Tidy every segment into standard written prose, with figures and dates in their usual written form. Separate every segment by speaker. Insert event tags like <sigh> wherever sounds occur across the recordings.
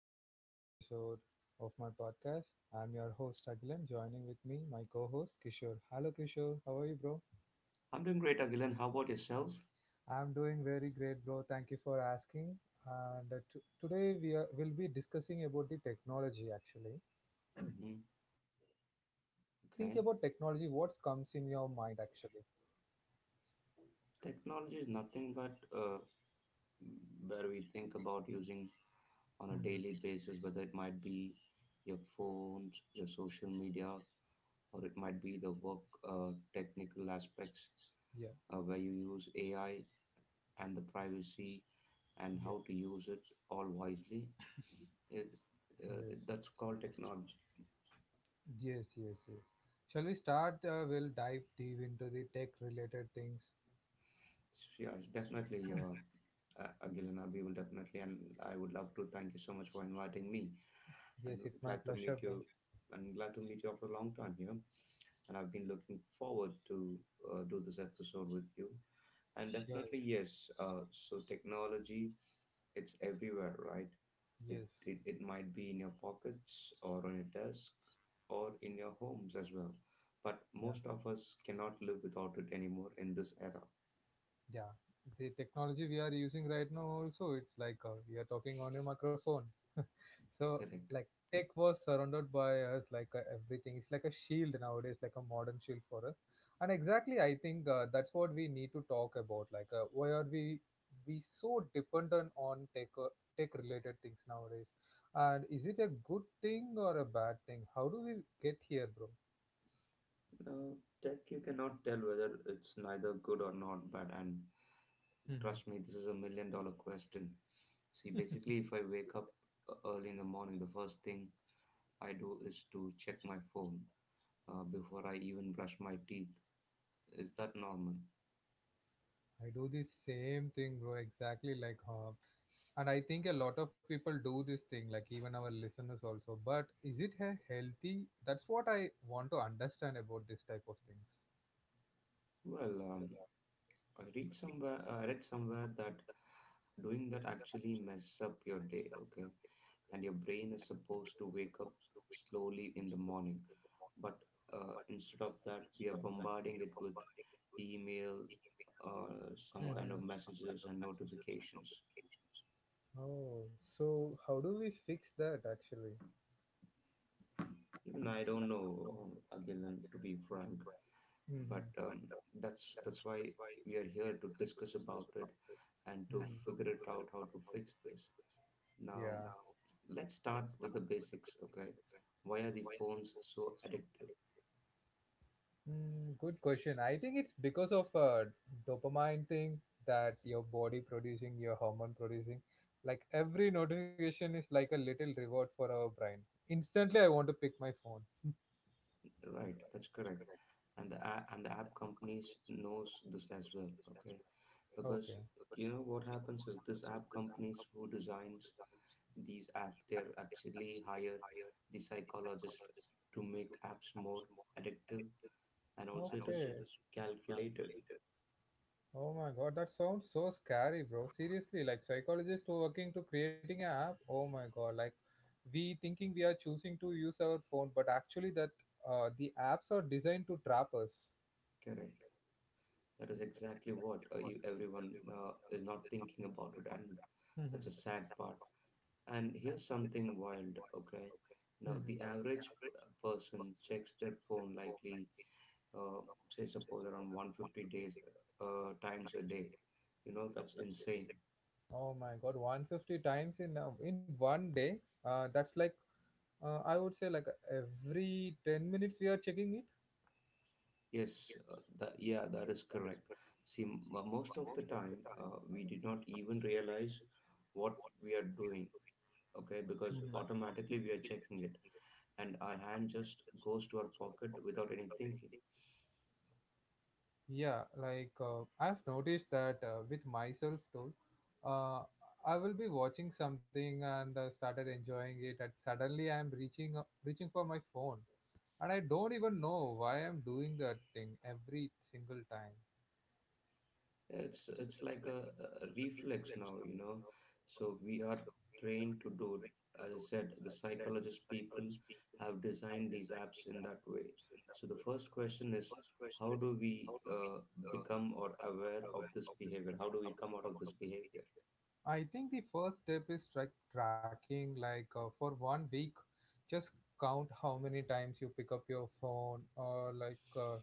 Speaker 1: to the another episode of my podcast. I'm your host Agilan. Joining with me, my co-host Kishore. Hello Kishore, how are you, bro?
Speaker 2: I'm doing great, Agilan. How about yourself?
Speaker 1: I'm doing very great, bro. Thank you for asking. And today will be discussing about the technology. Actually,
Speaker 2: Hmm
Speaker 1: when you think about technology,
Speaker 2: Okay.
Speaker 1: what comes in your mind? Actually.
Speaker 2: Technology is nothing but where we think about using on a
Speaker 1: Hmm.
Speaker 2: daily basis, whether it might be your phones, your social media, or it might be the work technical aspects
Speaker 1: Yeah.
Speaker 2: where you use AI and the privacy and
Speaker 1: Yeah,
Speaker 2: how to use it all wisely. It,
Speaker 1: yes,
Speaker 2: that's called technology.
Speaker 1: yes, yes, yes. Shall we start? We'll dive deep into the tech-related things.
Speaker 2: Yeah, definitely, Agilena, we will definitely, and I would love to thank you so much for inviting me,
Speaker 1: Yes,
Speaker 2: and
Speaker 1: it's my
Speaker 2: glad to
Speaker 1: pleasure,
Speaker 2: meet
Speaker 1: bro.
Speaker 2: you, and glad to meet you after a long time here. And I've been looking forward to do this episode with you. And
Speaker 1: Sure.
Speaker 2: definitely, yes. So technology, it's everywhere, right? It,
Speaker 1: Yes.
Speaker 2: it might be in your pockets or on your desk or in your homes as well. But
Speaker 1: Yeah.
Speaker 2: most of us cannot live without it anymore in this era.
Speaker 1: Yeah. The technology we are using right now also, it's like we are talking on a microphone. So
Speaker 2: Correct.
Speaker 1: like tech was surrounded by us like everything. It's like a shield nowadays, like a modern shield for us. And exactly, I think that's what we need to talk about. Like why are we so dependent on tech related things nowadays? And is it a good thing or a bad thing? How do we get here, bro?
Speaker 2: Uh, tech, you cannot tell whether it's neither good or not bad. And
Speaker 1: Hmm.
Speaker 2: trust me, this is a million dollar question. See, basically, if I wake up early in the morning, the first thing I do is to check my phone before I even brush my teeth. Is that normal?
Speaker 1: I do the same thing, bro. Exactly like and I think a lot of people do this thing, like even our listeners also, but is it a healthy? That's what I want to understand about this type of things.
Speaker 2: Well, I read somewhere. I read somewhere that doing that actually mess up your day. Okay, and your brain is supposed to wake up slowly in the morning, but instead of that we are bombarding it with email, some kind
Speaker 1: Mm-hmm.
Speaker 2: of messages and notifications.
Speaker 1: Oh, so how do we fix that actually?
Speaker 2: Even I don't know, Agilan, to be frank, but
Speaker 1: Mm-hmm.
Speaker 2: that's why we are here to discuss about it and
Speaker 1: And
Speaker 2: to
Speaker 1: mm-hmm,
Speaker 2: figure it out how to fix this
Speaker 1: it's
Speaker 2: now.
Speaker 1: yeah.
Speaker 2: Let's start with the basics. Okay, why are the phones so addictive?
Speaker 1: Hmm. Good question. I think it's because of dopamine thing that your body producing, your hormone producing. Like every notification is like a little reward for our brain. Instantly, I want to pick my phone.
Speaker 2: Right, that's correct. And the app companies knows this as well. Okay, because
Speaker 1: Okay.
Speaker 2: you know what happens is this app companies who designs these app they're actually hire the psychologist to make apps more addictive, and also it is
Speaker 1: Okay.
Speaker 2: calculated.
Speaker 1: Oh my god, that sounds so scary, bro. Seriously, like psychologists who are working to creating an app. Oh my god, like we thinking we are choosing to use our phone, but actually that the apps are designed to trap us.
Speaker 2: Correct, that is exactly what you, everyone is not thinking about it, and that's a
Speaker 1: Mm-hmm.
Speaker 2: sad part. And here's something wild. Okay, now the
Speaker 1: Mm-hmm.
Speaker 2: average person checks their phone likely, uh, say suppose around 150 days, times a day. You know, that's insane.
Speaker 1: Oh my God, 150 times in 1 day. That's like I would say like every 10 minutes we are checking it.
Speaker 2: Yes, yeah that is correct. See most of the time we did not even realize what we are doing. Okay, because automatically we are
Speaker 1: It.
Speaker 2: checking it, and our hand just goes to our pocket without any thinking.
Speaker 1: Yeah, like I've noticed that with myself too. Uh, I will be watching something and started enjoying it, and suddenly I'm reaching for my phone, and I don't even know why I'm doing that thing every single time.
Speaker 2: It's like a reflex now, you know. So we are trained to do it. As I said, the psychologist people have designed these apps in that way. So the first question is, how do we become or aware of this behavior? How do we come out of this behavior?
Speaker 1: I think the first step is like tracking, like for 1 week, just count how many times you pick up your phone, or like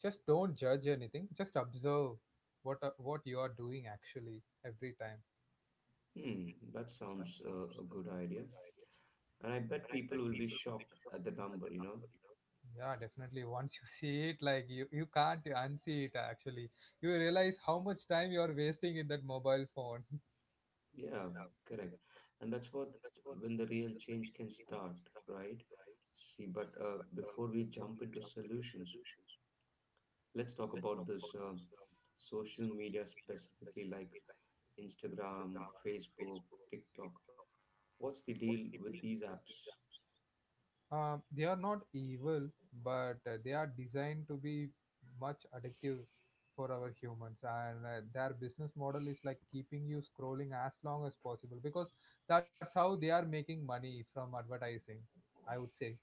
Speaker 1: just don't judge anything. Just observe what you are doing actually every time.
Speaker 2: Hmm that sounds a good idea, and I bet people will be shocked at the number, you know.
Speaker 1: Yeah, definitely. <laughs> Once you see it, like you can't unsee it. Actually, you realize how much time you are wasting in that mobile phone.
Speaker 2: Yeah, correct. And that's what, when the real change can start, right? See, but before we jump into solutions, let's talk about this social media specifically, like Instagram, Facebook, TikTok. What's the deal with these apps?
Speaker 1: They are not evil, but they are designed to be much addictive for our humans. And their business model is like keeping you scrolling as long as possible because that's how they are making money from advertising, I would say.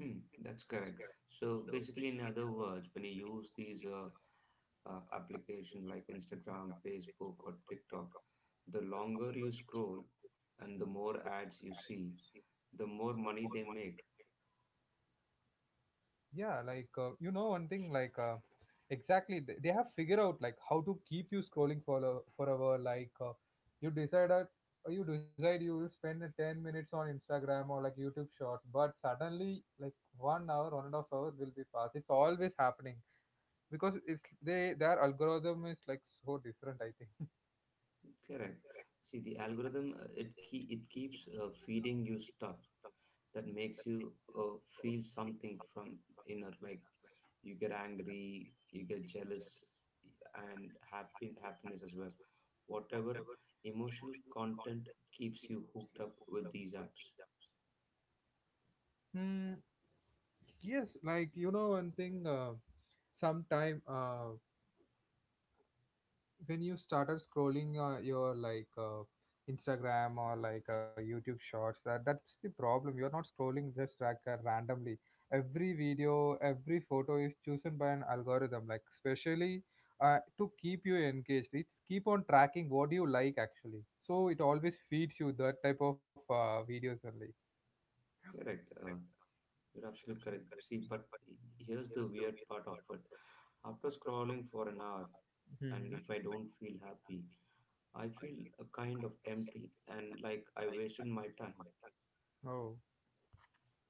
Speaker 2: Hmm, that's correct. So basically, in other words, when you use these applications like Instagram, Facebook, or TikTok, the longer you scroll and the more ads you see, the more money they make.
Speaker 1: Yeah, like one thing, like exactly they have figured out like how to keep you scrolling for forever, like you decide that you decide you will spend the 10 minutes on Instagram or like YouTube shorts, but suddenly like 1 hour, 1.5 hour will be passed. It's always happening because it's they their algorithm is like so different, I think. <laughs>
Speaker 2: Correct. See, the algorithm, it keeps feeding you stuff that makes you uh, feel something from inner. Like you get angry, you get jealous, and happy happiness as well. Whatever emotional content keeps you hooked up with these apps.
Speaker 1: Hmm. Yes, like one thing, sometime when you started scrolling, your like Instagram or like YouTube shorts, that's the problem. You're not scrolling just like randomly. Every video, every photo is chosen by an algorithm, like especially to keep you engaged. It's keep on tracking what you like actually, so it always feeds you that type of videos only.
Speaker 2: Correct. You're absolutely correct. See, but here's the weird part of it. After scrolling for an hour, and
Speaker 1: Hmm.
Speaker 2: if I don't feel happy, I feel a kind of empty and like I wasted my time.
Speaker 1: Oh.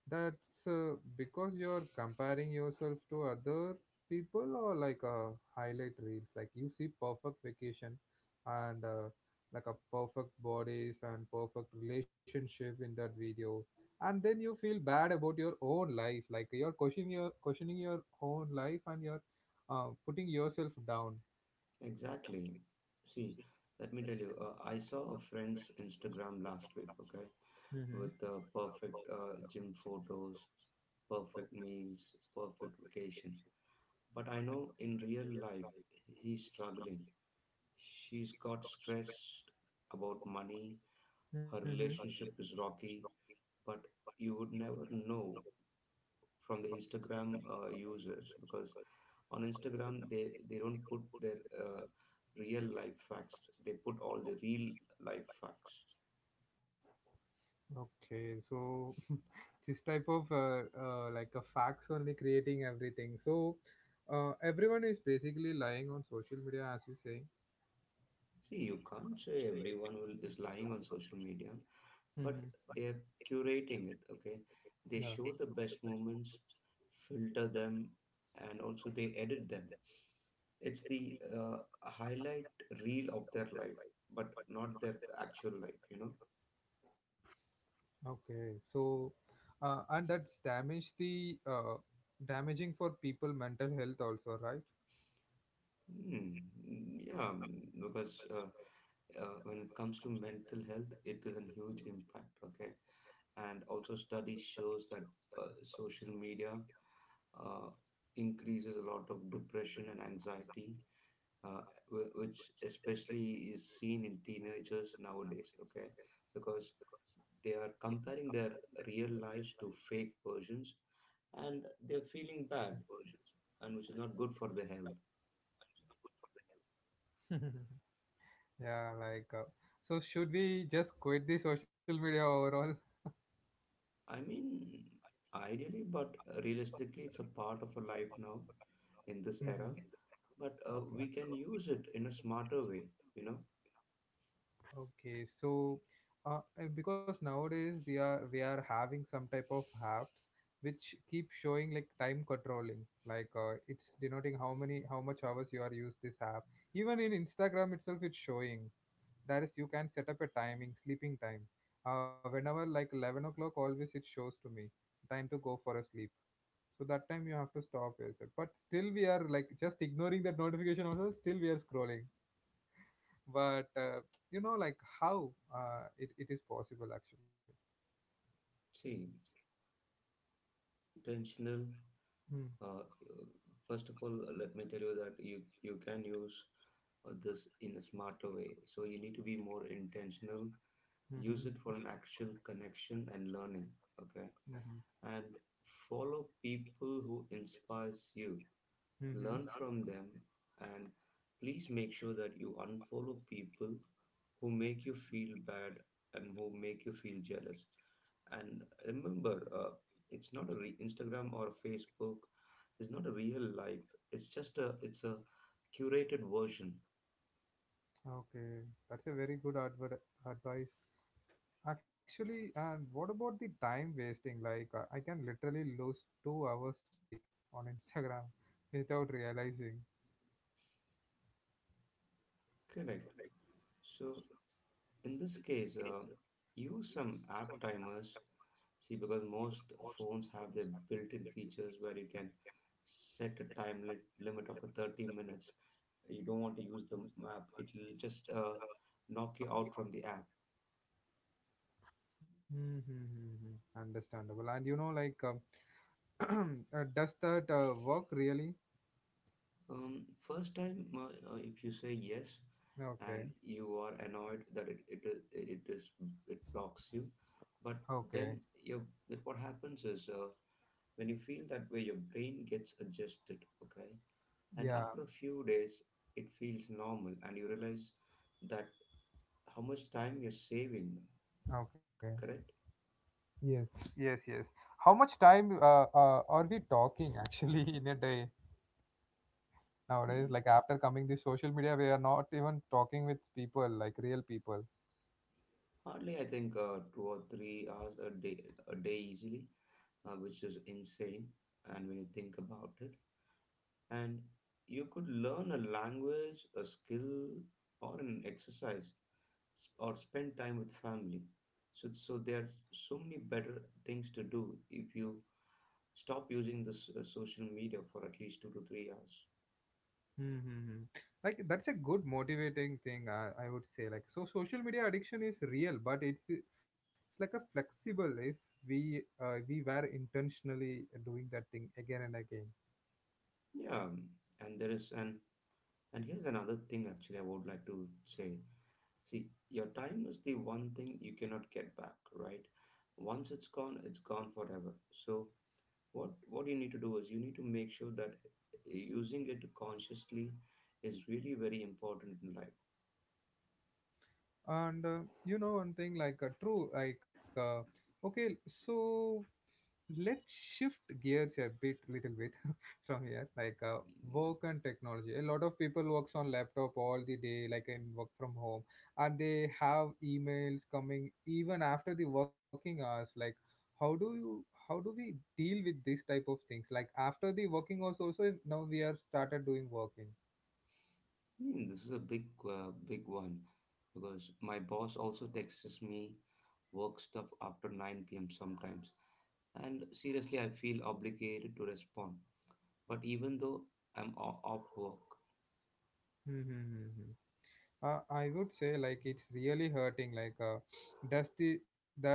Speaker 1: That's because you're comparing yourself to other people, or like highlight reels. Like you see perfect vacation and like a perfect bodies and perfect relationship in that video, and then you feel bad about your own life. Like you're questioning your own life, and you're putting yourself down.
Speaker 2: Exactly. See, let me tell you, I saw a friend's Instagram last week, okay,
Speaker 1: Mm-hmm.
Speaker 2: with perfect gym photos, perfect meals, perfect vacation. But I know in real life, he's struggling. She's got stressed about money, her relationship is rocky, but you would never know from the Instagram users, because on Instagram, they don't put their uh, real life facts. They put all the real life facts.
Speaker 1: Okay, so <laughs> this type of like a facts only creating everything. So everyone is basically lying on social media, as you say.
Speaker 2: See, you can't say everyone will, is lying on social media,
Speaker 1: Hmm.
Speaker 2: but they're curating it. Okay, they
Speaker 1: Yeah.
Speaker 2: show the best moments, filter them, and also they edit them. It's the highlight reel of their life, but not their actual life, you know.
Speaker 1: Okay. So and that's damage the damaging for people mental health also, right?
Speaker 2: Hmm. Yeah, mm, because when it comes to mental health, it is a huge impact. Okay, and also study shows that social media uh, increases a lot of depression and anxiety, uh, which especially is seen in teenagers nowadays. Okay, because they are comparing their real lives to fake versions, and they're feeling bad, and which is not good for the health.
Speaker 1: <laughs> Yeah. Like so, should we just quit the social media overall? <laughs>
Speaker 2: I mean, ideally, but realistically, it's a part of a life now in this
Speaker 1: Mm-hmm.
Speaker 2: era. But
Speaker 1: Okay.
Speaker 2: we can use it in a smarter way, you know.
Speaker 1: Okay, so because nowadays we are having some type of apps which keep showing like time controlling, like it's denoting how much hours you are use this app. Even in Instagram itself, it's showing. That is, you can set up a timing, sleeping time. Whenever like 11 o'clock, always it shows to me time to go for a sleep. So that time you have to stop yourself. But still we are like just ignoring that notification also. Still we are scrolling, but like how it is possible actually.
Speaker 2: See, being intentional.
Speaker 1: Mm.
Speaker 2: Uh, uh, first of all, let me tell you that you can use this in a smarter way. So you need to be more intentional. Use it
Speaker 1: Mm-hmm.
Speaker 2: for an actual connection and learning. Okay,
Speaker 1: Mm-hmm.
Speaker 2: and follow people who inspires you,
Speaker 1: Mm-hmm.
Speaker 2: learn from them, and please make sure that you unfollow people who make you feel bad and who make you feel jealous. And remember, it's not a Instagram or Facebook. It's not a real life. It's just a curated version.
Speaker 1: Okay, that's a very good advice actually. And what about the time wasting? Like I can literally lose 2 hours straight on Instagram <laughs> without realizing.
Speaker 2: Correct. So in this case, use some app timers. See, because most phones have their built-in features where you can set a limit up to 30 minutes. You don't want to use the map, it'll just knock you out from the app.
Speaker 1: Mm-hmm. Understandable. And like, <clears throat> does that work really?
Speaker 2: First time, if you say yes and
Speaker 1: Okay.
Speaker 2: you are annoyed that it is it blocks you, but
Speaker 1: Okay.
Speaker 2: then your that what happens is, when you feel that way your brain gets adjusted. Okay, and
Speaker 1: Yeah.
Speaker 2: after a few days it feels normal and you realize that how much time you're saving.
Speaker 1: Okay.
Speaker 2: Correct.
Speaker 1: Yes, yes, yes. How much time are we talking actually <laughs> in a day
Speaker 2: Hmm.
Speaker 1: nowadays? Like after coming this social media, we are not even talking with people, like real people.
Speaker 2: Hardly, I think 2 or 3 hours a day easily, which is insane. And when you think about it, and you could learn a language, a skill, or an exercise, or spend time with family. So, so there are so many better things to do if you stop using this social media for at least 2 to 3 hours.
Speaker 1: Mm-hmm. Like that's a good motivating thing, I would say. Like so, social media addiction is real, but it's like a flexible if we were intentionally doing that thing again and again.
Speaker 2: Yeah, and there is an and here's another thing actually I would like to say. See, your time is the one thing you cannot get back, right? Once it's gone forever. So what you need to do is you need to make sure that using it consciously is really very important in life.
Speaker 1: And one thing, like true, like okay, so let's shift gears a bit little bit <laughs> from here, like work and technology. A lot of people works on laptop all the day, like in work from home, and they have emails coming even after the working hours. Like how do we deal with this type of things like after the working hours also now we are started doing working.
Speaker 2: I mean, this is a big big one, because my boss also texts me work stuff after 9 p.m. sometimes, and seriously, I feel obligated to respond. But even though I'm off work,
Speaker 1: <laughs> I would say like it's really hurting. Like does the that's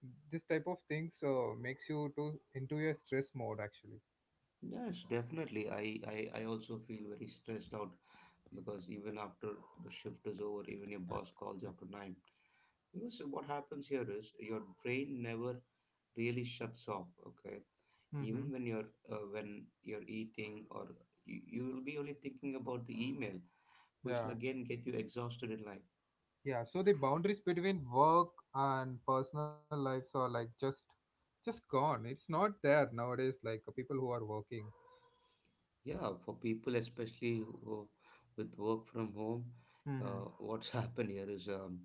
Speaker 1: this type of things so makes you to into a stress mode actually.
Speaker 2: yes, definitely, I also feel very stressed out, because even after the shift is over, even your boss calls you after 9. Because what happens here is your brain never really shuts off. Okay,
Speaker 1: Mm-hmm.
Speaker 2: even when you're eating or you will be only thinking about the email, which will
Speaker 1: Yeah.
Speaker 2: again get you exhausted in life.
Speaker 1: Yeah, so the boundaries between work and personal lives are like just gone. It's not there nowadays, like people who are working.
Speaker 2: Yeah, for people especially who, with work from home,
Speaker 1: Mm-hmm.
Speaker 2: what's <laughs> happened here is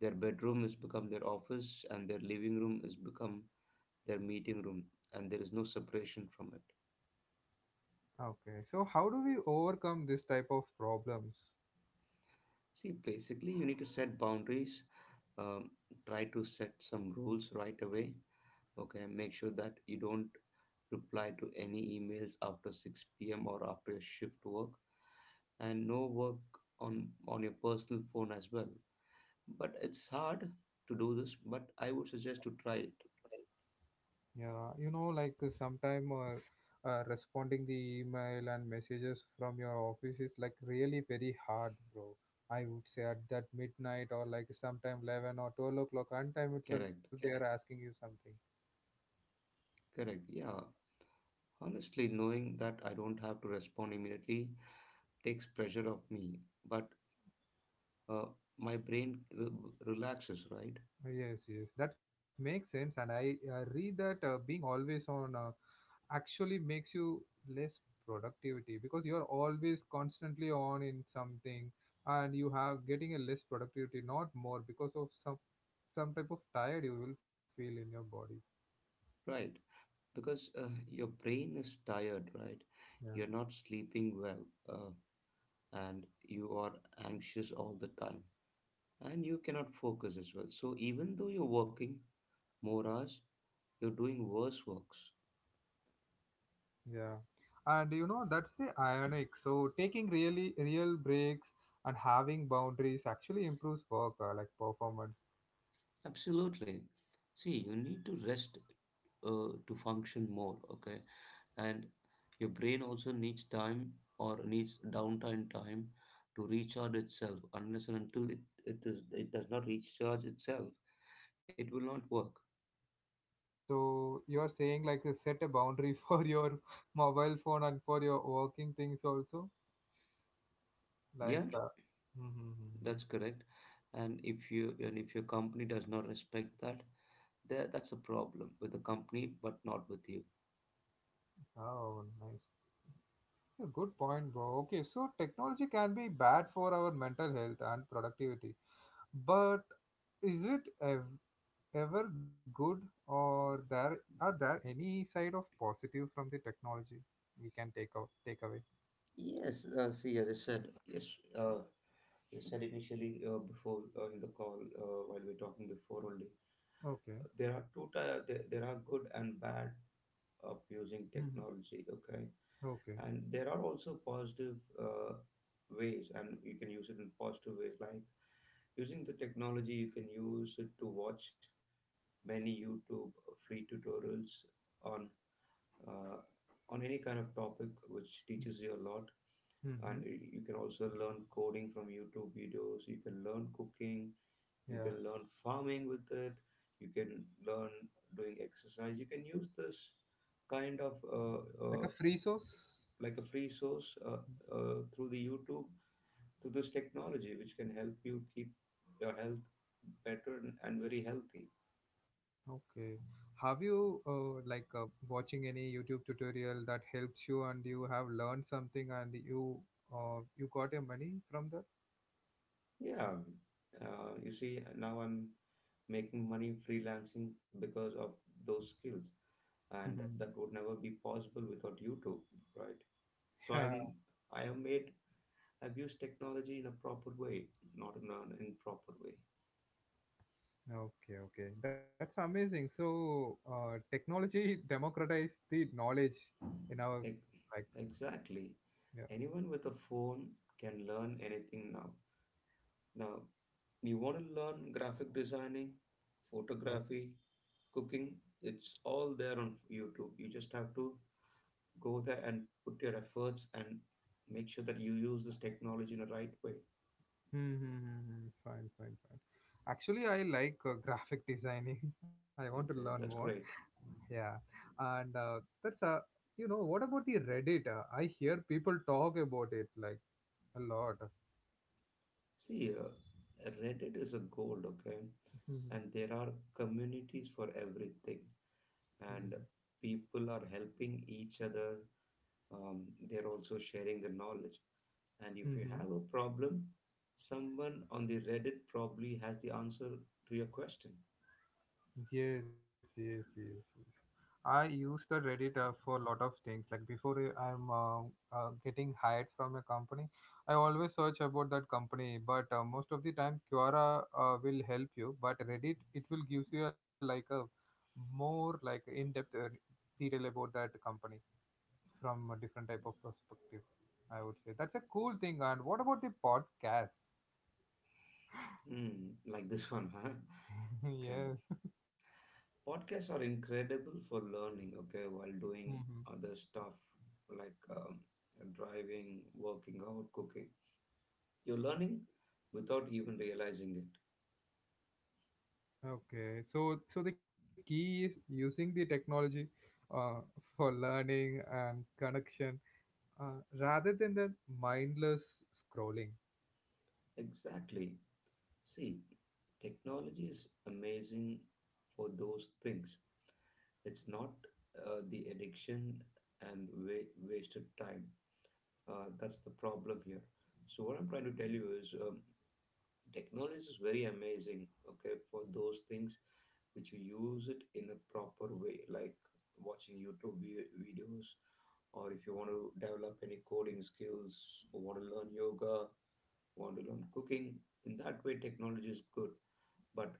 Speaker 2: their bedroom has become their office and their living room has become their meeting room, and there is no separation from it.
Speaker 1: Okay, so how do we overcome this type of problems?
Speaker 2: See, basically, you need to set boundaries. Um, try to set some rules right away. Okay, make sure that you don't reply to any emails after 6 p.m. or after your shift work, and no work on your personal phone as well. But it's hard to do this, but I would suggest to try it.
Speaker 1: Yeah, like sometime responding the email and messages from your office is like really very hard, bro. I would say at that midnight or like sometime 11 or 12 o'clock on time itself, they
Speaker 2: Correct.
Speaker 1: are asking you something.
Speaker 2: Correct. Yeah. Honestly, knowing that I don't have to respond immediately takes pressure off me, but uh, my brain relaxes, right?
Speaker 1: Yes, yes, that makes sense. And I read that being always on actually makes you less productivity because you're always constantly on in something, and you have getting a less productivity, not more because of some type of tired you will feel in your body.
Speaker 2: Right. Because your brain is tired, right?
Speaker 1: Yeah.
Speaker 2: You're not sleeping well, uh, and you are anxious all the time and you cannot focus as well. So even though you're working more hours, you're doing worse works.
Speaker 1: Yeah. And that's the ironic. So taking really real breaks and having boundaries actually improves work like performance.
Speaker 2: Absolutely. See, you need to rest to function more. Okay, and your brain also needs time or needs downtime time to recharge itself. Unless and until it does not recharge itself, it will not work.
Speaker 1: So you are saying like set a boundary <laughs> for your mobile phone and for your working things also, like.
Speaker 2: Yeah,
Speaker 1: Mm-hmm.
Speaker 2: that's correct. And if your company does not respect that, there that's a problem with the company, but not with you.
Speaker 1: Oh, nice. Yeah, good point, bro. Okay, so technology can be bad for our mental health and productivity, but is it ever good, or there any side of positive from the technology we can take away?
Speaker 2: Yes. See, as I said, yes. Uh, you said initially before in the call while we are talking before only.
Speaker 1: Okay.
Speaker 2: There are two. Ty- there are good and bad of using
Speaker 1: Mm-hmm.
Speaker 2: technology. Okay,
Speaker 1: Okay.
Speaker 2: and there are also positive ways, and you can use it in positive ways like using the technology you can use it to watch many YouTube free tutorials on uh, on any kind of topic which teaches you a lot.
Speaker 1: Mm-hmm.
Speaker 2: And you can also learn coding from YouTube videos. You can learn cooking. You
Speaker 1: Yeah,
Speaker 2: can learn farming with it. You can learn doing exercise. You can use this kind of
Speaker 1: like a free source.
Speaker 2: like a free source through the YouTube to this technology, which can help you keep your health better and very healthy.
Speaker 1: Okay. Have you like watching any YouTube tutorial that helps you and you have learned something and you got your money from that?
Speaker 2: Yeah, you see, now I'm making money freelancing because of those skills, and
Speaker 1: Mhm.
Speaker 2: that would never be possible without YouTube, right? So
Speaker 1: Yeah.
Speaker 2: I'm I have made I've used technology in a proper way, not in an improper way.
Speaker 1: Okay, okay. That's amazing. So, technology <laughs> democratized the knowledge in our,
Speaker 2: Ex-
Speaker 1: like.
Speaker 2: Exactly.
Speaker 1: Yeah.
Speaker 2: Anyone with a phone can learn anything now. Now, you want to learn graphic designing,
Speaker 1: Uh,
Speaker 2: photography, cooking, it's all there on YouTube. You just have to go there and put your efforts and make sure that you use this technology in the right way.
Speaker 1: mm-hmm, fine, fine, fine. Actually, I like graphic designing. <laughs> I want to learn
Speaker 2: Okay,
Speaker 1: more.
Speaker 2: that's great.
Speaker 1: Yeah, and that's a what about the Reddit? I hear people talk about it like a lot.
Speaker 2: See, reddit is a gold. Okay,
Speaker 1: Mm-hmm.
Speaker 2: and there are communities for everything, and people are helping each other. um, they're also sharing the knowledge, and if you
Speaker 1: Mm-hmm.
Speaker 2: have a problem, someone on the reddit probably has the answer to your question.
Speaker 1: Yes, yes, yes, yes. I use the Reddit for a lot of things. Like before I'm getting hired from a company, I always search about that company. But most of the time, Quora will help you. But Reddit, it will gives you a, like a more like in-depth detail about that company from a different type of perspective. I would say that's a cool thing. And what about the podcast?
Speaker 2: Hmm, like this <laughs> one, huh?
Speaker 1: <laughs>
Speaker 2: Okay,
Speaker 1: Yes.
Speaker 2: podcasts are incredible for learning. Okay, while doing
Speaker 1: Hmm.
Speaker 2: other stuff like driving, working out, cooking, you're learning without even realizing it.
Speaker 1: Okay. So the key is using the technology uh, for learning and connection rather than the mindless scrolling.
Speaker 2: Exactly. See, technology is amazing for those things. It's not the addiction and wasted time, that's the problem here. So what I'm trying to tell you is, technology is very amazing, okay, for those things which you use it in a proper way, like watching YouTube videos, or if you want to develop any coding skills, or want to learn yoga, want to learn cooking. In that way, technology is good, but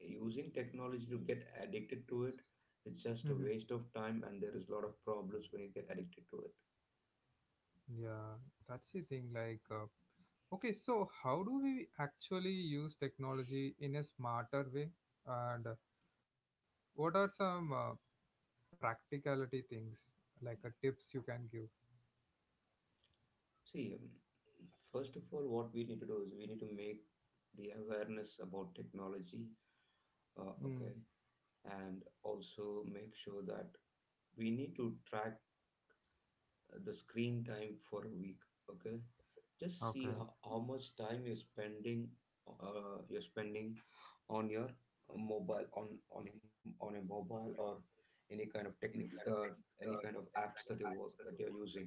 Speaker 2: using technology to get addicted to it, it's
Speaker 1: Hmm.
Speaker 2: just a waste of time, and there is a lot of problems when you get addicted to it.
Speaker 1: Yeah, that's the thing. Like, okay, so how do we actually use technology in a smarter way? And what are some practicality things like tips you can give?
Speaker 2: See, first of all, what we need to do is we need to make the awareness about technology, okay,
Speaker 1: Mm.
Speaker 2: and also make sure that we need to track the screen time for a week. Okay, just
Speaker 1: Okay.
Speaker 2: see how,
Speaker 1: Yes.
Speaker 2: how much time you're spending, uh, you're spending on your mobile, on a mobile or any kind of technical any kind of apps that you work that you're using.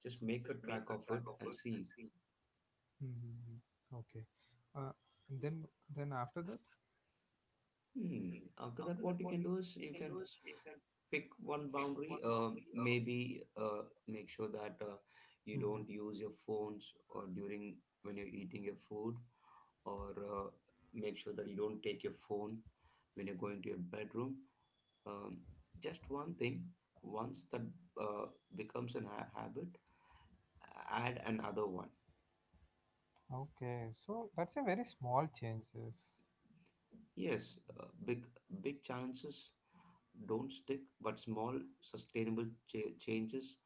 Speaker 2: Just make a track of it and see.
Speaker 1: Mm-hmm. Okay. Uh, and then after that.
Speaker 2: Hmm, after that what you can do is you can pick one boundary, maybe make sure that you don't
Speaker 1: Mm-hmm.
Speaker 2: use your phones or during when you're eating your food, or make sure that you don't take your phone when you're going to your bedroom. Um, just one thing, once that uh, becomes an habit, add another one.
Speaker 1: Okay. So that's a very small changes.
Speaker 2: Yes, big chances don't stick, but small sustainable changes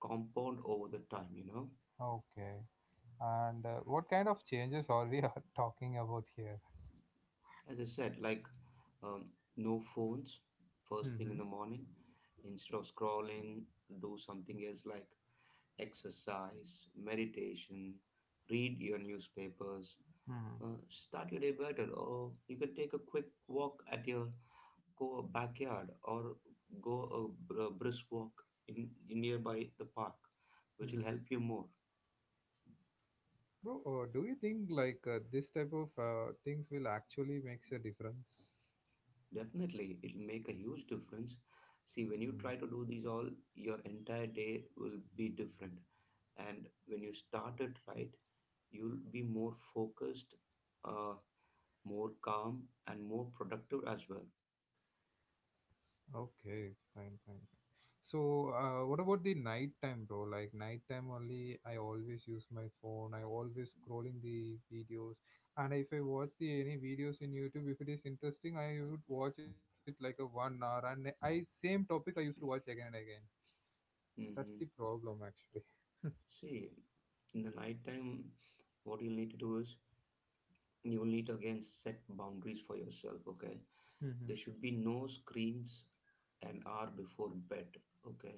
Speaker 2: compound over the time, you know.
Speaker 1: Okay. And what kind of changes are we <laughs> are talking about here?
Speaker 2: As I said, like, um, no phones
Speaker 1: Mm-hmm.
Speaker 2: first thing in the morning. Instead of scrolling, do something else like exercise, meditation, read your newspapers,
Speaker 1: Hmm.
Speaker 2: start your day better, or you can take a quick walk at your go backyard or go a brisk walk in nearby the park, which will
Speaker 1: Mm-hmm.
Speaker 2: help you more.
Speaker 1: Bro, do you think like this type of things will actually makes a difference?
Speaker 2: Definitely, it will make a huge difference.
Speaker 1: Hmm,
Speaker 2: See,
Speaker 1: hmm.
Speaker 2: when you try to do these all, your entire day will be different. And when you start it right, you'll be more focused, uh, more calm, and more productive as well.
Speaker 1: Okay, fine, fine, fine. So, what about the night time, bro? Like night time only, I always use my phone. I always scrolling the videos, and if I watch the any videos in YouTube, if it is interesting, I would watch it like a 1 hour, and I same topic I used to watch again and again. That's
Speaker 2: Hmm.
Speaker 1: the problem, actually.
Speaker 2: See, in the night time, what you'll need to do is you will need to again set boundaries for yourself. Okay, there
Speaker 1: <laughs>
Speaker 2: should be no screens an hour before bed. Okay,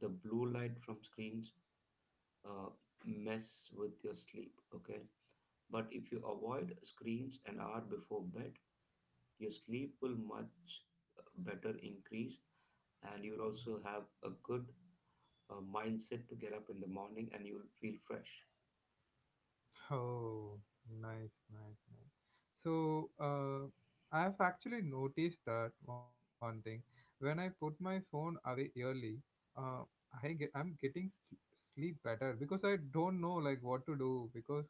Speaker 2: the blue light from screens uh, mess with your sleep. Okay, but if you avoid screens an hour before bed, your sleep will much better increase, and you'll also have a good mindset to get up in the morning and you'll feel fresh.
Speaker 1: Oh, nice, nice, nice. So, I've actually noticed that one thing. When I put my phone away early, uh, I'm getting sleep better because I don't know like what to do because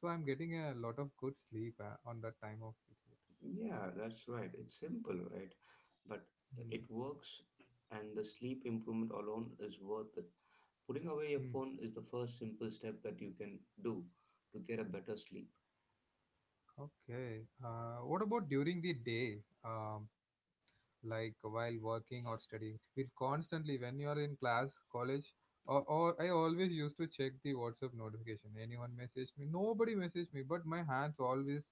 Speaker 1: so I'm getting a lot of good sleep on that time of period.
Speaker 2: Yeah, that's right. It's simple, right? But
Speaker 1: Hmm.
Speaker 2: it works, and the sleep improvement alone is worth it. Putting away your phone is the first simple step that you can do to get a better sleep.
Speaker 1: Okay. What about during the day? Um, like while working or studying? It constantly, when you are in class, college, or I always used to check the WhatsApp notification. Anyone message me? Nobody message me, but my hands always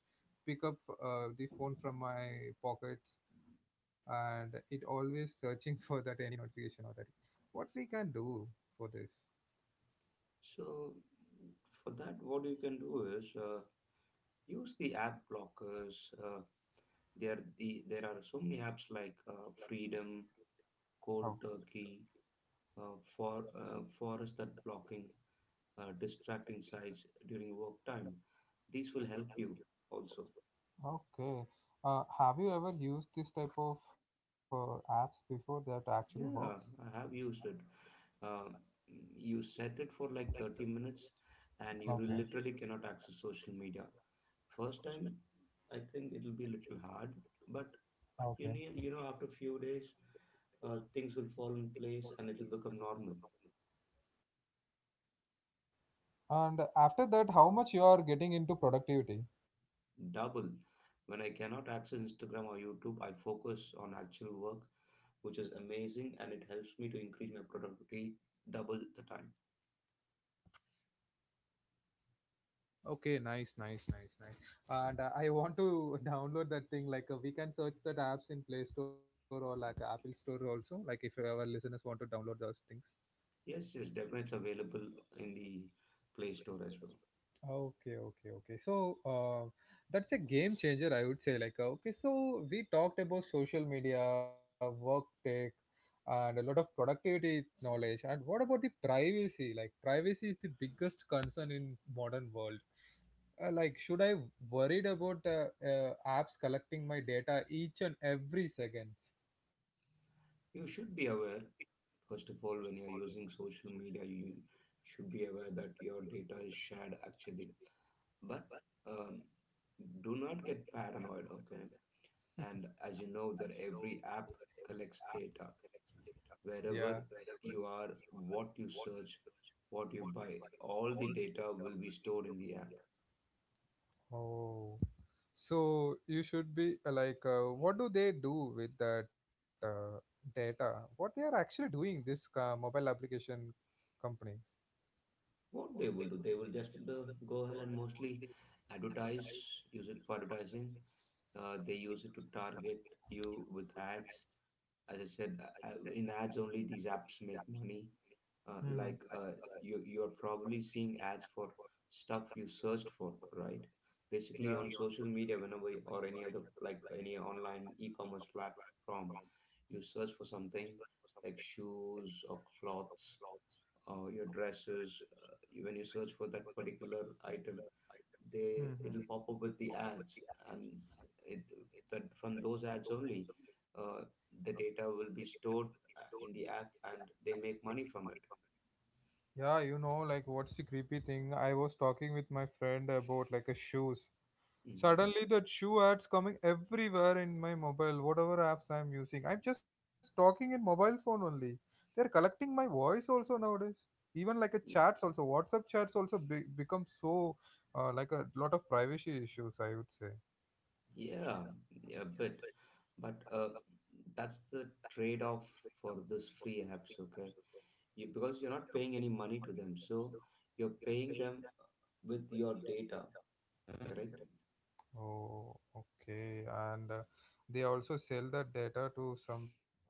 Speaker 1: pick up the phone from my pockets and it always searching <laughs> for that any notification or that. What we can do for this?
Speaker 2: So, for that, what you can do is, use the app blockers. There are so many apps like, Freedom,
Speaker 1: How?
Speaker 2: Cold Turkey, forest, that blocking distracting sites during work time. This will help you also.
Speaker 1: Okay. Have you ever used this type of apps before that actually works?
Speaker 2: Yeah, I have used it. Uh, you set it for like 30 minutes and you will
Speaker 1: Okay.
Speaker 2: literally cannot access social media. First time, I think it'll be a little hard, but you
Speaker 1: Okay.
Speaker 2: need, you know, after a few days, things will fall in place and it will become normal.
Speaker 1: And after that, how much you are getting into productivity?
Speaker 2: Double. When I cannot access Instagram or YouTube, I focus on actual work, which is amazing and it helps me to increase my productivity double the time.
Speaker 1: Okay, nice, nice, nice, nice. And I want to <laughs> download that thing. Like we can search that apps in Play Store or like Apple Store also. Like if our listeners want to download those things.
Speaker 2: Yes, yes, definitely it's available in the Play Store as well.
Speaker 1: Okay, okay, okay. So that's a game changer, I would say. Like, okay, so we talked about social media, work tech, and a lot of productivity knowledge. And what about the privacy? Like, privacy is the biggest concern in modern world. Like, should I worried about apps collecting my data each and every seconds?
Speaker 2: You should be aware, first of all, when you're using social media, you should be aware that your data is shared actually. But, um, do not get paranoid, okay? And as you know, that every app collects data
Speaker 1: Yeah.
Speaker 2: wherever you are, what you search, what you buy, all the data will be stored in the app.
Speaker 1: Oh. So you should be like, what do they do with that data? What they are actually doing, this mobile application companies?
Speaker 2: What they will do, they will just go ahead and mostly advertise, use it for advertising. They use it to target you with ads. As I said, in ads only these apps make money. uh,
Speaker 1: Hmm
Speaker 2: like uh, you are probably seeing ads for stuff you searched for, right? Basically
Speaker 1: Yeah.
Speaker 2: on social media, whenever or any other like any online e-commerce platform, you search for something like shoes or clothes, your dresses, when you search for that particular item, they
Speaker 1: hmm
Speaker 2: it'll pop up with the ads, and it, that from those ads only, uh, the data will be stored in the app, and they make money from it.
Speaker 1: Yeah, like what's the creepy thing? I was talking with my friend about like a shoes.
Speaker 2: Hmm.
Speaker 1: Suddenly, that shoe ads coming everywhere in my mobile, whatever apps I'm using. I'm just talking in mobile phone only. They're collecting my voice also nowadays. Even like a
Speaker 2: Yeah,
Speaker 1: chats also, WhatsApp chats also become so like a lot of privacy issues. I would say.
Speaker 2: yeah. Yeah, but but uh, that's the trade-off for this free apps. Okay, you, because you're not paying any money to them, so you're paying them with your data, correct.
Speaker 1: Oh, okay. And they also sell that data to some people.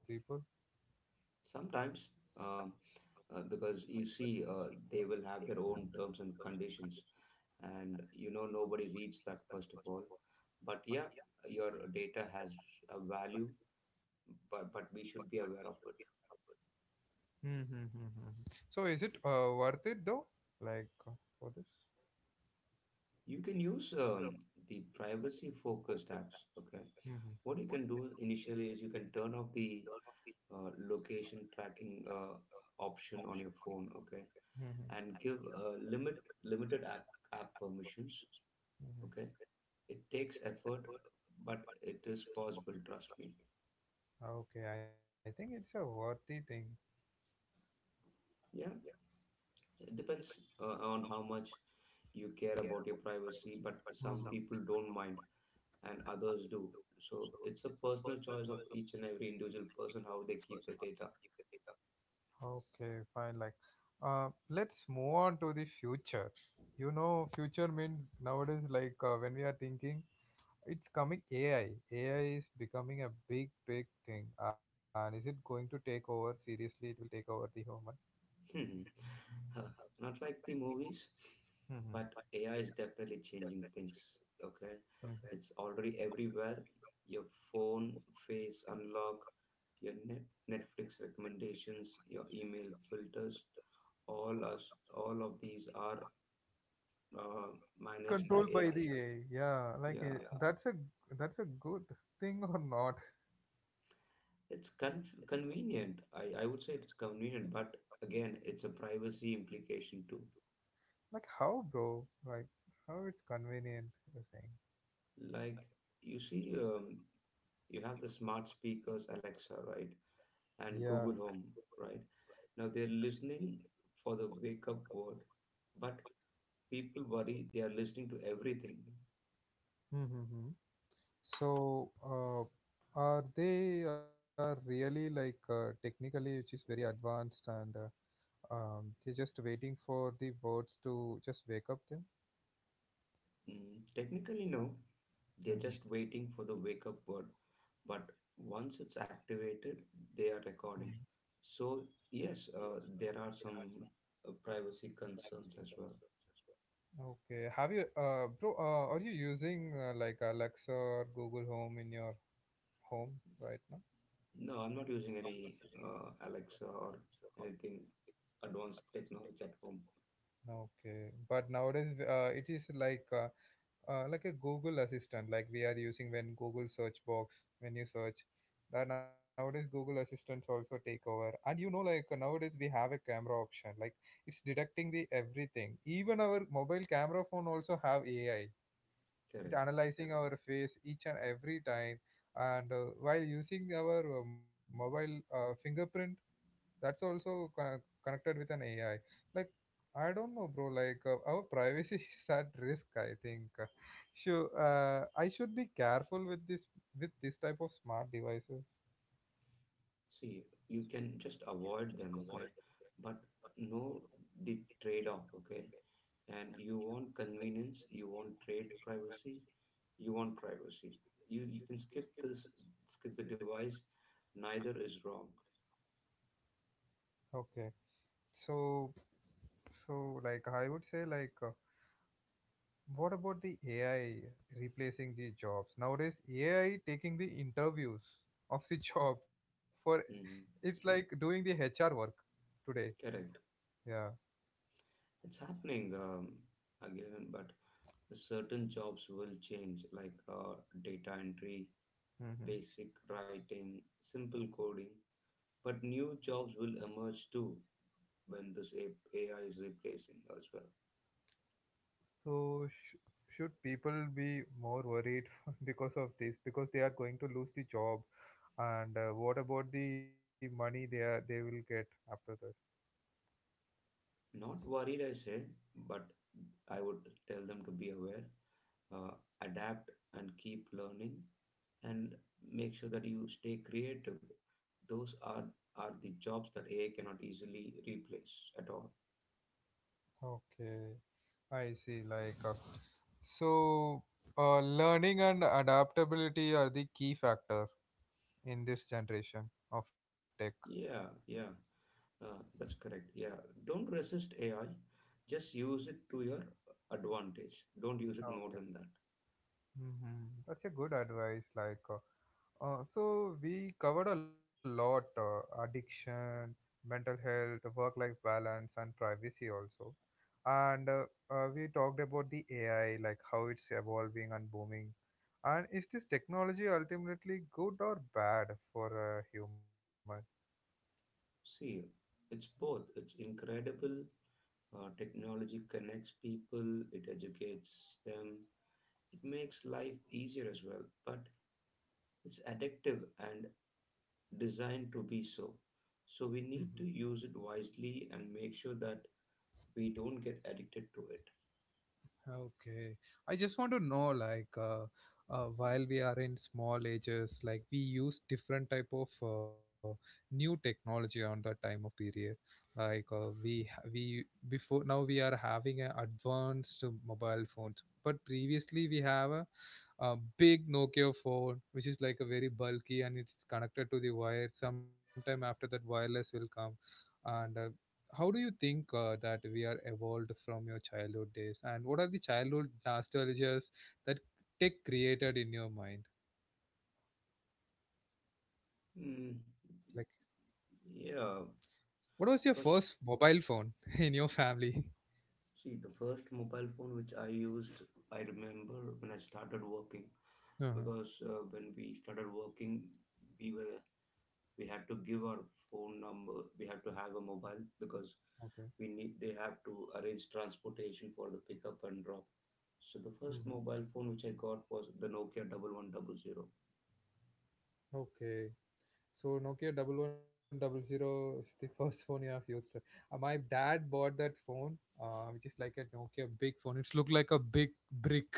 Speaker 2: Sometimes. um because you see, they will have their own terms and conditions, and you know nobody reads that first of all. But yeah, your data has a value, but we should be aware of it.
Speaker 1: Hmm, hmm, hmm, hmm, hmm. So is it worth it though? Like for this?
Speaker 2: You can use, the privacy focused apps. Okay,
Speaker 1: Hmm hmm
Speaker 2: what you can do initially is you can turn off the location tracking option on your phone, okay,
Speaker 1: hmm hmm,
Speaker 2: and give limited app permissions,
Speaker 1: hmm, hmm.
Speaker 2: okay. It takes effort, but it is possible, trust me.
Speaker 1: Okay, I think it's a worthy thing.
Speaker 2: Yeah, it depends on how much you care about your privacy, but some
Speaker 1: Mhm.
Speaker 2: people don't mind and others do. So it's a personal choice of each and every individual person how they keep their data.
Speaker 1: Okay, fine. Like, uh, let's move on to the future. You know, future means nowadays, like when we are thinking, it's coming AI. AI is becoming a big, big thing. And is it going to take over? Seriously, it will take over the human.
Speaker 2: <laughs> Hmm. Huh. Not like the movies, but
Speaker 1: Mhm.
Speaker 2: AI is definitely changing things. Okay,
Speaker 1: Mm. Not
Speaker 2: it's already everywhere. Your phone face unlock, your net Netflix recommendations, your email filters, all of these are uh, managed by
Speaker 1: controlled not by
Speaker 2: AI.
Speaker 1: the AI. Yeah, like
Speaker 2: Yeah,
Speaker 1: that's a that's a good thing or not?
Speaker 2: it's convenient. I would say it's convenient, but again, it's a privacy implication too.
Speaker 1: Like how, bro? Like how it's convenient. You're saying.
Speaker 2: Like, you see, you have the smart speakers, Alexa, right?
Speaker 1: Yeah.
Speaker 2: And Google Home, right? Now they're listening for the wake up word, but people worry they are listening to everything.
Speaker 1: Mm-hmm. So, are really like technically, which is very advanced, and they're just waiting for the birds to just wake up them?
Speaker 2: Mm, technically, no, they're
Speaker 1: Hmm
Speaker 2: just waiting for the wake up word, but once it's activated, they are recording. So, yes, there are some privacy concerns as well.
Speaker 1: Okay. Have you, bro? Are you using like Alexa or Google Home in your home right
Speaker 2: No, I'm not using any Alexa or anything advanced technology at home.
Speaker 1: now? Okay. But nowadays, it is like a Google Assistant, like we are using when Google search box when you search. That nowadays Google Assistants also take over, and you know, like nowadays we have a camera option, like it's detecting the everything. Even our mobile camera phone also have AI. It
Speaker 2: Correct.
Speaker 1: analyzing our face each and every time, and while using our mobile fingerprint that's also connected with an AI. Like, I don't know, bro. Like, our privacy <laughs> is at risk. I think. Sure. I should be careful with this type of smart devices.
Speaker 2: See, you can just avoid them, okay? But know the trade off, okay? And you want convenience, you want trade privacy, you want privacy. You can skip this, skip the device. Neither is wrong.
Speaker 1: Okay. So, so like I would say, like, what about the AI replacing the jobs nowadays? AI taking the interviews of the <laughs> job for it's
Speaker 2: Hmm.
Speaker 1: like doing the HR work today.
Speaker 2: Correct.
Speaker 1: Yeah.
Speaker 2: It's happening, again, but certain jobs will change, like, data entry,
Speaker 1: hmm
Speaker 2: basic writing, simple coding, but new jobs will emerge too when this AI is replacing as well.
Speaker 1: So should people be more worried <laughs> because of this? Because they are going to lose the job, and what about the money they will get after this?
Speaker 2: Not worried, I say, but I would tell them to be aware, uh, adapt, and keep learning, and make sure that you stay creative. Those are the jobs that AI cannot easily replace at all.
Speaker 1: Okay, I see. Like so, learning and adaptability are the key factor in this generation of tech.
Speaker 2: Yeah, yeah. That's correct. Yeah. Don't resist AI. Just use it to your advantage. Don't use it more than that.
Speaker 1: Hmm That's a good advice. Like, so we covered a lot: addiction, mental health, work-life balance, and privacy also. And we talked about the AI, like how it's evolving and booming. And is this technology ultimately good or bad for a human?
Speaker 2: See, it's both. It's incredible. Technology connects people, it educates them, it makes life easier as well. But it's addictive and designed to be so. So we need to use it wisely and make sure that we don't get addicted to it.
Speaker 1: Okay. I just want to know, like, while we are in small ages, like we use different type of new technology on that time of period. Like we before now we are having an advanced mobile phones, but previously we have a big Nokia phone, which is like a very bulky and it's connected to the wire. Sometime after that, wireless will come. And how do you think that we are evolved from your childhood days? And what are the childhood nostalgias that tech created in your mind?
Speaker 2: Hmm.
Speaker 1: Like,
Speaker 2: yeah.
Speaker 1: what was your first
Speaker 2: First,
Speaker 1: mobile phone <laughs> in your family? <laughs>
Speaker 2: See, the first mobile phone which I used, I remember when I started working
Speaker 1: Uh-huh.
Speaker 2: because when we started working, we were we had to give our phone number. We had to have a mobile because
Speaker 1: Okay.
Speaker 2: we need they have to arrange transportation for the pickup and drop. So the first
Speaker 1: hmm
Speaker 2: mobile phone which I got was the Nokia double one double zero.
Speaker 1: Okay. So Nokia 1100 is the <laughs> first phone you have used. My dad bought that phone, which is like a Nokia big phone. It's looked like a big brick.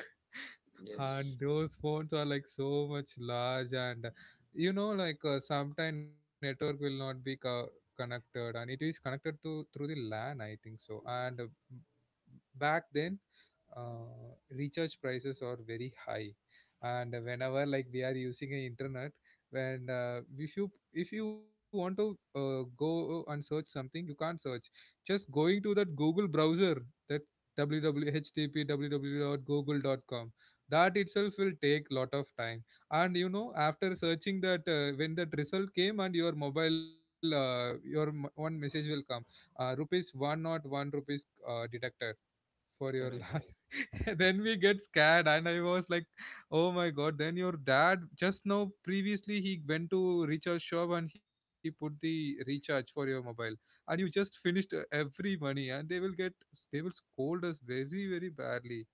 Speaker 2: Yes,
Speaker 1: And those phones are like so much large, and you know like sometime network will not be connected, and it is connected to through the LAN I think so. And m- back then recharge prices are very high. And whenever like we are using a internet, when if you want to go and search something, you can't search just going to that Google browser. That www http, that itself will take lot of time. And you know, after searching that, when that result came and your mobile one message will come, rupees one, not one rupees, deducted for your
Speaker 2: correct,
Speaker 1: last. <laughs> Then we get scared, and I was like, oh my god, then your dad just now previously he went to recharge shop and he put the recharge for your mobile, and you just finished every money, and they will scold us very, very badly.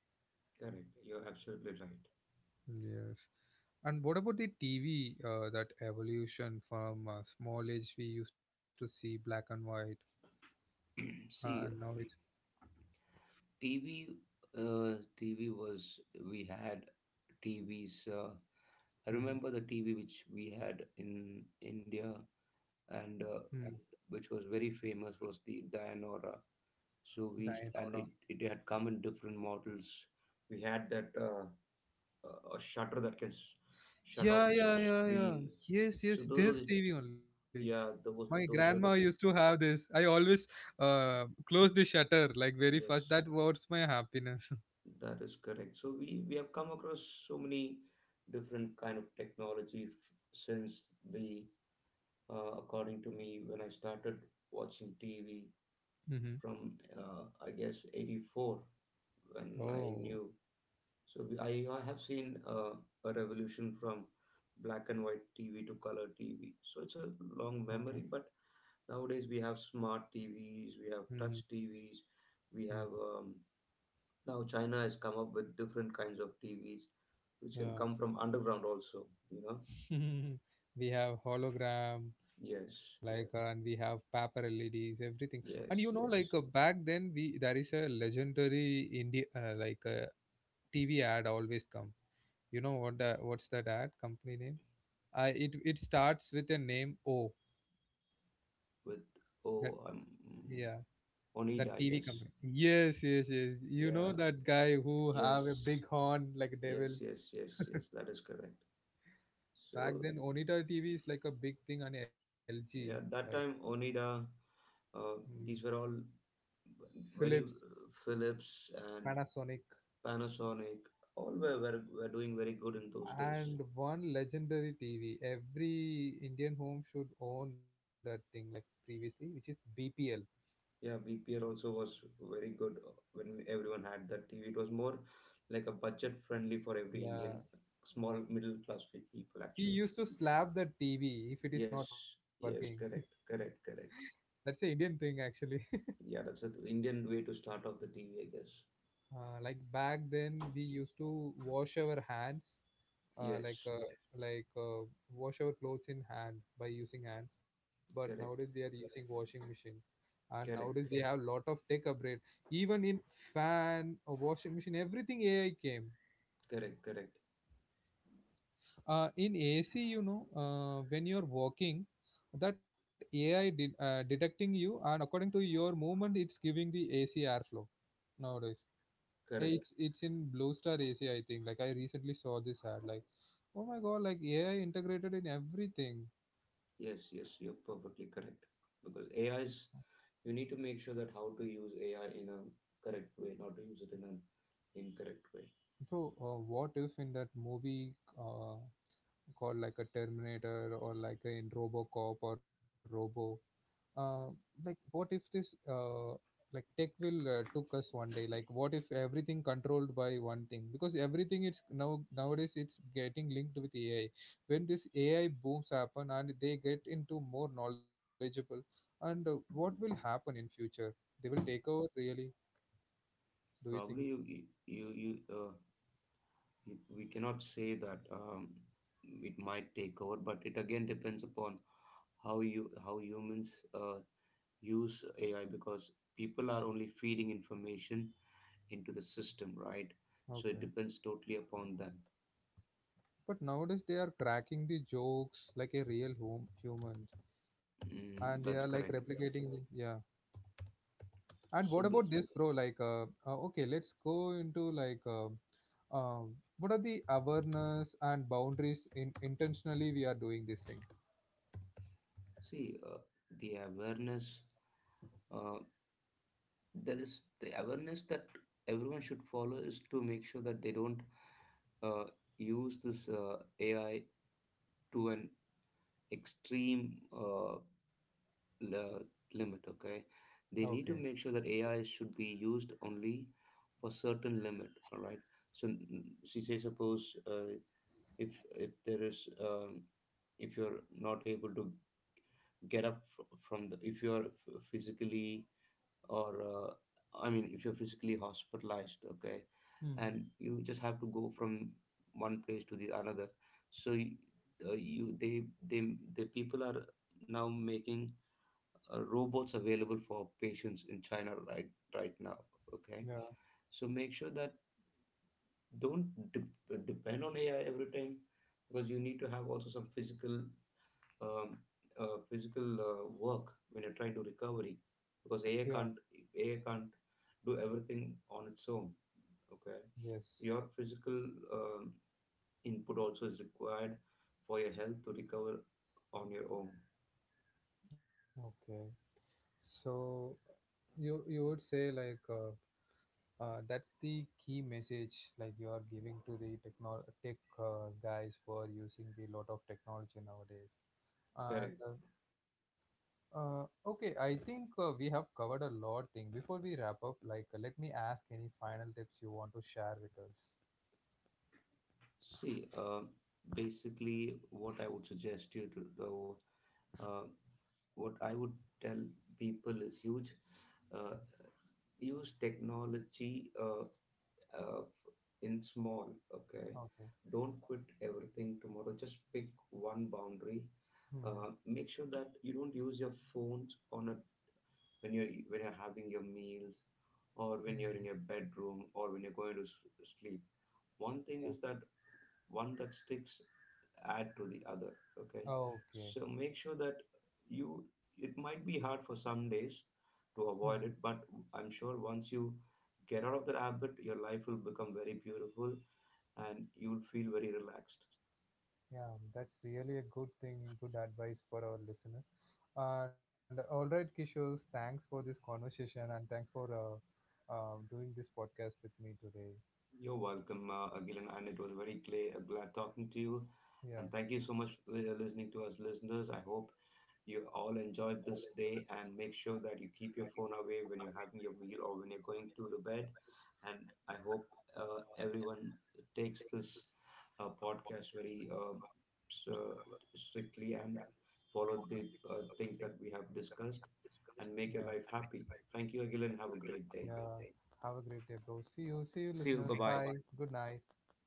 Speaker 2: correct. You're absolutely right.
Speaker 1: Yes. And what about the TV, that evolution from small age we used to see black and white,
Speaker 2: <clears throat>
Speaker 1: and
Speaker 2: See,
Speaker 1: now it's
Speaker 2: TV, uh, TV was we had TVs. I
Speaker 1: mm-hmm,
Speaker 2: remember the TV which we had in India and
Speaker 1: mm,
Speaker 2: which was very famous was the Dianora. So and
Speaker 1: Dianora.
Speaker 2: it had come in different models. We had that a shutter that can shut off
Speaker 1: Yeah,
Speaker 2: the
Speaker 1: yeah, yeah, yeah.
Speaker 2: screen.
Speaker 1: Yes,
Speaker 2: So
Speaker 1: yes,
Speaker 2: those were
Speaker 1: this
Speaker 2: the
Speaker 1: TV only.
Speaker 2: yeah
Speaker 1: My grandma
Speaker 2: those were
Speaker 1: used
Speaker 2: the
Speaker 1: to have this. I always close the shutter like very fast.
Speaker 2: yes
Speaker 1: That was my happiness.
Speaker 2: that is correct. So we have come across so many different kind of technology f- since the according to me, when I started watching TV
Speaker 1: <laughs> mm-hmm.
Speaker 2: from I guess 84, when I
Speaker 1: Oh.
Speaker 2: knew. I have seen a revolution from black and white TV to color TV, so it's a long memory. But nowadays we have smart TVs, we have
Speaker 1: Mm-hmm.
Speaker 2: touch TVs, we have now China has come up with different kinds of TVs which can
Speaker 1: Yeah.
Speaker 2: come from underground also, you know.
Speaker 1: <laughs> We have hologram, like,
Speaker 2: Yes
Speaker 1: and we have paper LEDs everything. And you
Speaker 2: yes
Speaker 1: know like
Speaker 2: yes
Speaker 1: back then we there is a legendary India like TV ad always come. You know what the, what's that ad company name? I It starts with a name o.
Speaker 2: with
Speaker 1: That,
Speaker 2: oh I'm
Speaker 1: yeah,
Speaker 2: mm,
Speaker 1: that
Speaker 2: Oneida, I
Speaker 1: TV company.
Speaker 2: guess.
Speaker 1: Yes, yes, yes, you know
Speaker 2: Yeah,
Speaker 1: that guy who have a
Speaker 2: yes,
Speaker 1: big horn like a devil.
Speaker 2: yes, that is correct.
Speaker 1: Back
Speaker 2: So,
Speaker 1: then Onita TV is like a big thing on LG.
Speaker 2: yeah,
Speaker 1: Like
Speaker 2: that time Oneida, uh,
Speaker 1: mm,
Speaker 2: these were all very
Speaker 1: Philips,
Speaker 2: Philips and
Speaker 1: Panasonic.
Speaker 2: Panasonic, all were doing very good in those days.
Speaker 1: And one legendary TV. Every Indian home should own that thing, like previously, which is BPL.
Speaker 2: Yeah, BPL also was very good. When everyone had that TV, it was more like a budget friendly for every
Speaker 1: Yeah,
Speaker 2: Indian, small middle class people,
Speaker 1: we
Speaker 2: actually.
Speaker 1: used to slap the TV if it is not
Speaker 2: Yes,
Speaker 1: working.
Speaker 2: yes, correct, correct, correct.
Speaker 1: <laughs> That's a Indian thing actually. <laughs>
Speaker 2: Yeah, that's the Indian way to start off the TV, I guess.
Speaker 1: Like back then, we used to wash our hands, uh, like
Speaker 2: Yes,
Speaker 1: uh, like wash our clothes in hand by using hands. But nowadays we are
Speaker 2: correct,
Speaker 1: using washing machine, and nowadays we
Speaker 2: correct,
Speaker 1: have lot of tech upgrade. Even in fan, a washing machine, everything AI came
Speaker 2: correct, correct,
Speaker 1: in AC, you know, when you're walking, that AI detecting you and according to your movement, it's giving the AC airflow nowadays.
Speaker 2: correct.
Speaker 1: It's in Blue Star AC, I think. Like I recently saw this ad, like, oh my god, like AI integrated in everything,
Speaker 2: Yes, yes, you're perfectly correct. Because you need to make sure that how to use AI in a correct way, not to use it in an incorrect way.
Speaker 1: bro. What if in that movie uh, called like a Terminator, or in RoboCop or Robo? uh, like what if this like tech will took us one day, like what if everything controlled by one thing, because everything it's now nowadays it's getting linked with AI. When this AI booms happen and they get into more knowledgeable, and what will happen in future, they will take over really, do you think?
Speaker 2: Probably you, you, you, you, you we cannot say that it might take over, but it again depends upon how humans use AI, because people are only feeding information into the system, right? So it
Speaker 1: Okay,
Speaker 2: depends totally upon that.
Speaker 1: but nowadays they are cracking the jokes like a real home human, and they are
Speaker 2: Mm,
Speaker 1: like
Speaker 2: that's correct.
Speaker 1: replicating. Yeah. And what
Speaker 2: So
Speaker 1: about
Speaker 2: b-
Speaker 1: this, bro? Like, okay, let's go into like, uh, what are the awareness and boundaries in intentionally we are doing this thing?
Speaker 2: see, uh, the awareness, uh, there is the awareness that everyone should follow is to make sure that they don't uh, use this AI to an extreme li- limit. Okay, they
Speaker 1: Okay.
Speaker 2: need to make sure that AI should be used only for certain limit. All right. So she say suppose. If if there is if you're not able to get up from the, if you're physically or I mean if you're physically hospitalized, okay,
Speaker 1: hmm
Speaker 2: and you just have to go from one place to the another, so y- you they the people are now making robots available for patients in China right right now, okay.
Speaker 1: Yeah.
Speaker 2: So make sure that don't depend on AI every time, because you need to have also some physical um, physical work when you're trying to recovery, because
Speaker 1: Yeah.
Speaker 2: AI can't do everything on its own. Okay,
Speaker 1: Yes.
Speaker 2: your physical um, input also is required for your health to recover on your own.
Speaker 1: Okay. So you would say like that's the key message like you are giving to the tech guys who are using the lot of technology nowadays,
Speaker 2: Correct.
Speaker 1: and okay, I think we have covered a lot thing. Before we wrap up, like let me ask any final tips you want to share with us.
Speaker 2: See, basically, what I would suggest you to do, uh, what I would tell people is huge, uh, use technology uh, in small. Okay,
Speaker 1: Okay.
Speaker 2: don't quit everything tomorrow, just pick one boundary.
Speaker 1: Mhm.
Speaker 2: Make sure that you don't use your phones on a when you're having your meals, or when you're in your
Speaker 1: Mhm.
Speaker 2: bedroom, or when you're going to sleep. One thing is that one that sticks add to the other, okay. So make
Speaker 1: Okay.
Speaker 2: sure that you, it might be hard for some days to avoid it, but I'm sure once you get out of that habit, your life will become very beautiful and you'll feel very relaxed.
Speaker 1: Yeah, that's really a good thing, good advice for our listeners. And all right, Kishore, thanks for this conversation and thanks for doing this podcast with me today.
Speaker 2: You're welcome, Agilan, and it was very clear, glad talking to you. And thank you
Speaker 1: Yeah,
Speaker 2: so much for listening to us, listeners. I hope you all enjoyed this day and make sure that you keep your phone away when you're having your meal or when you're going to the bed. And I hope everyone takes this podcast very s- uh, strictly and follow the things that we have discussed and make your
Speaker 1: yeah,
Speaker 2: life happy. Thank you, Agilan. Have a great day.
Speaker 1: yeah. Have a great day, bro.
Speaker 2: See
Speaker 1: See
Speaker 2: you.
Speaker 1: you,
Speaker 2: Bye bye.
Speaker 1: listeners. Bye. Good night.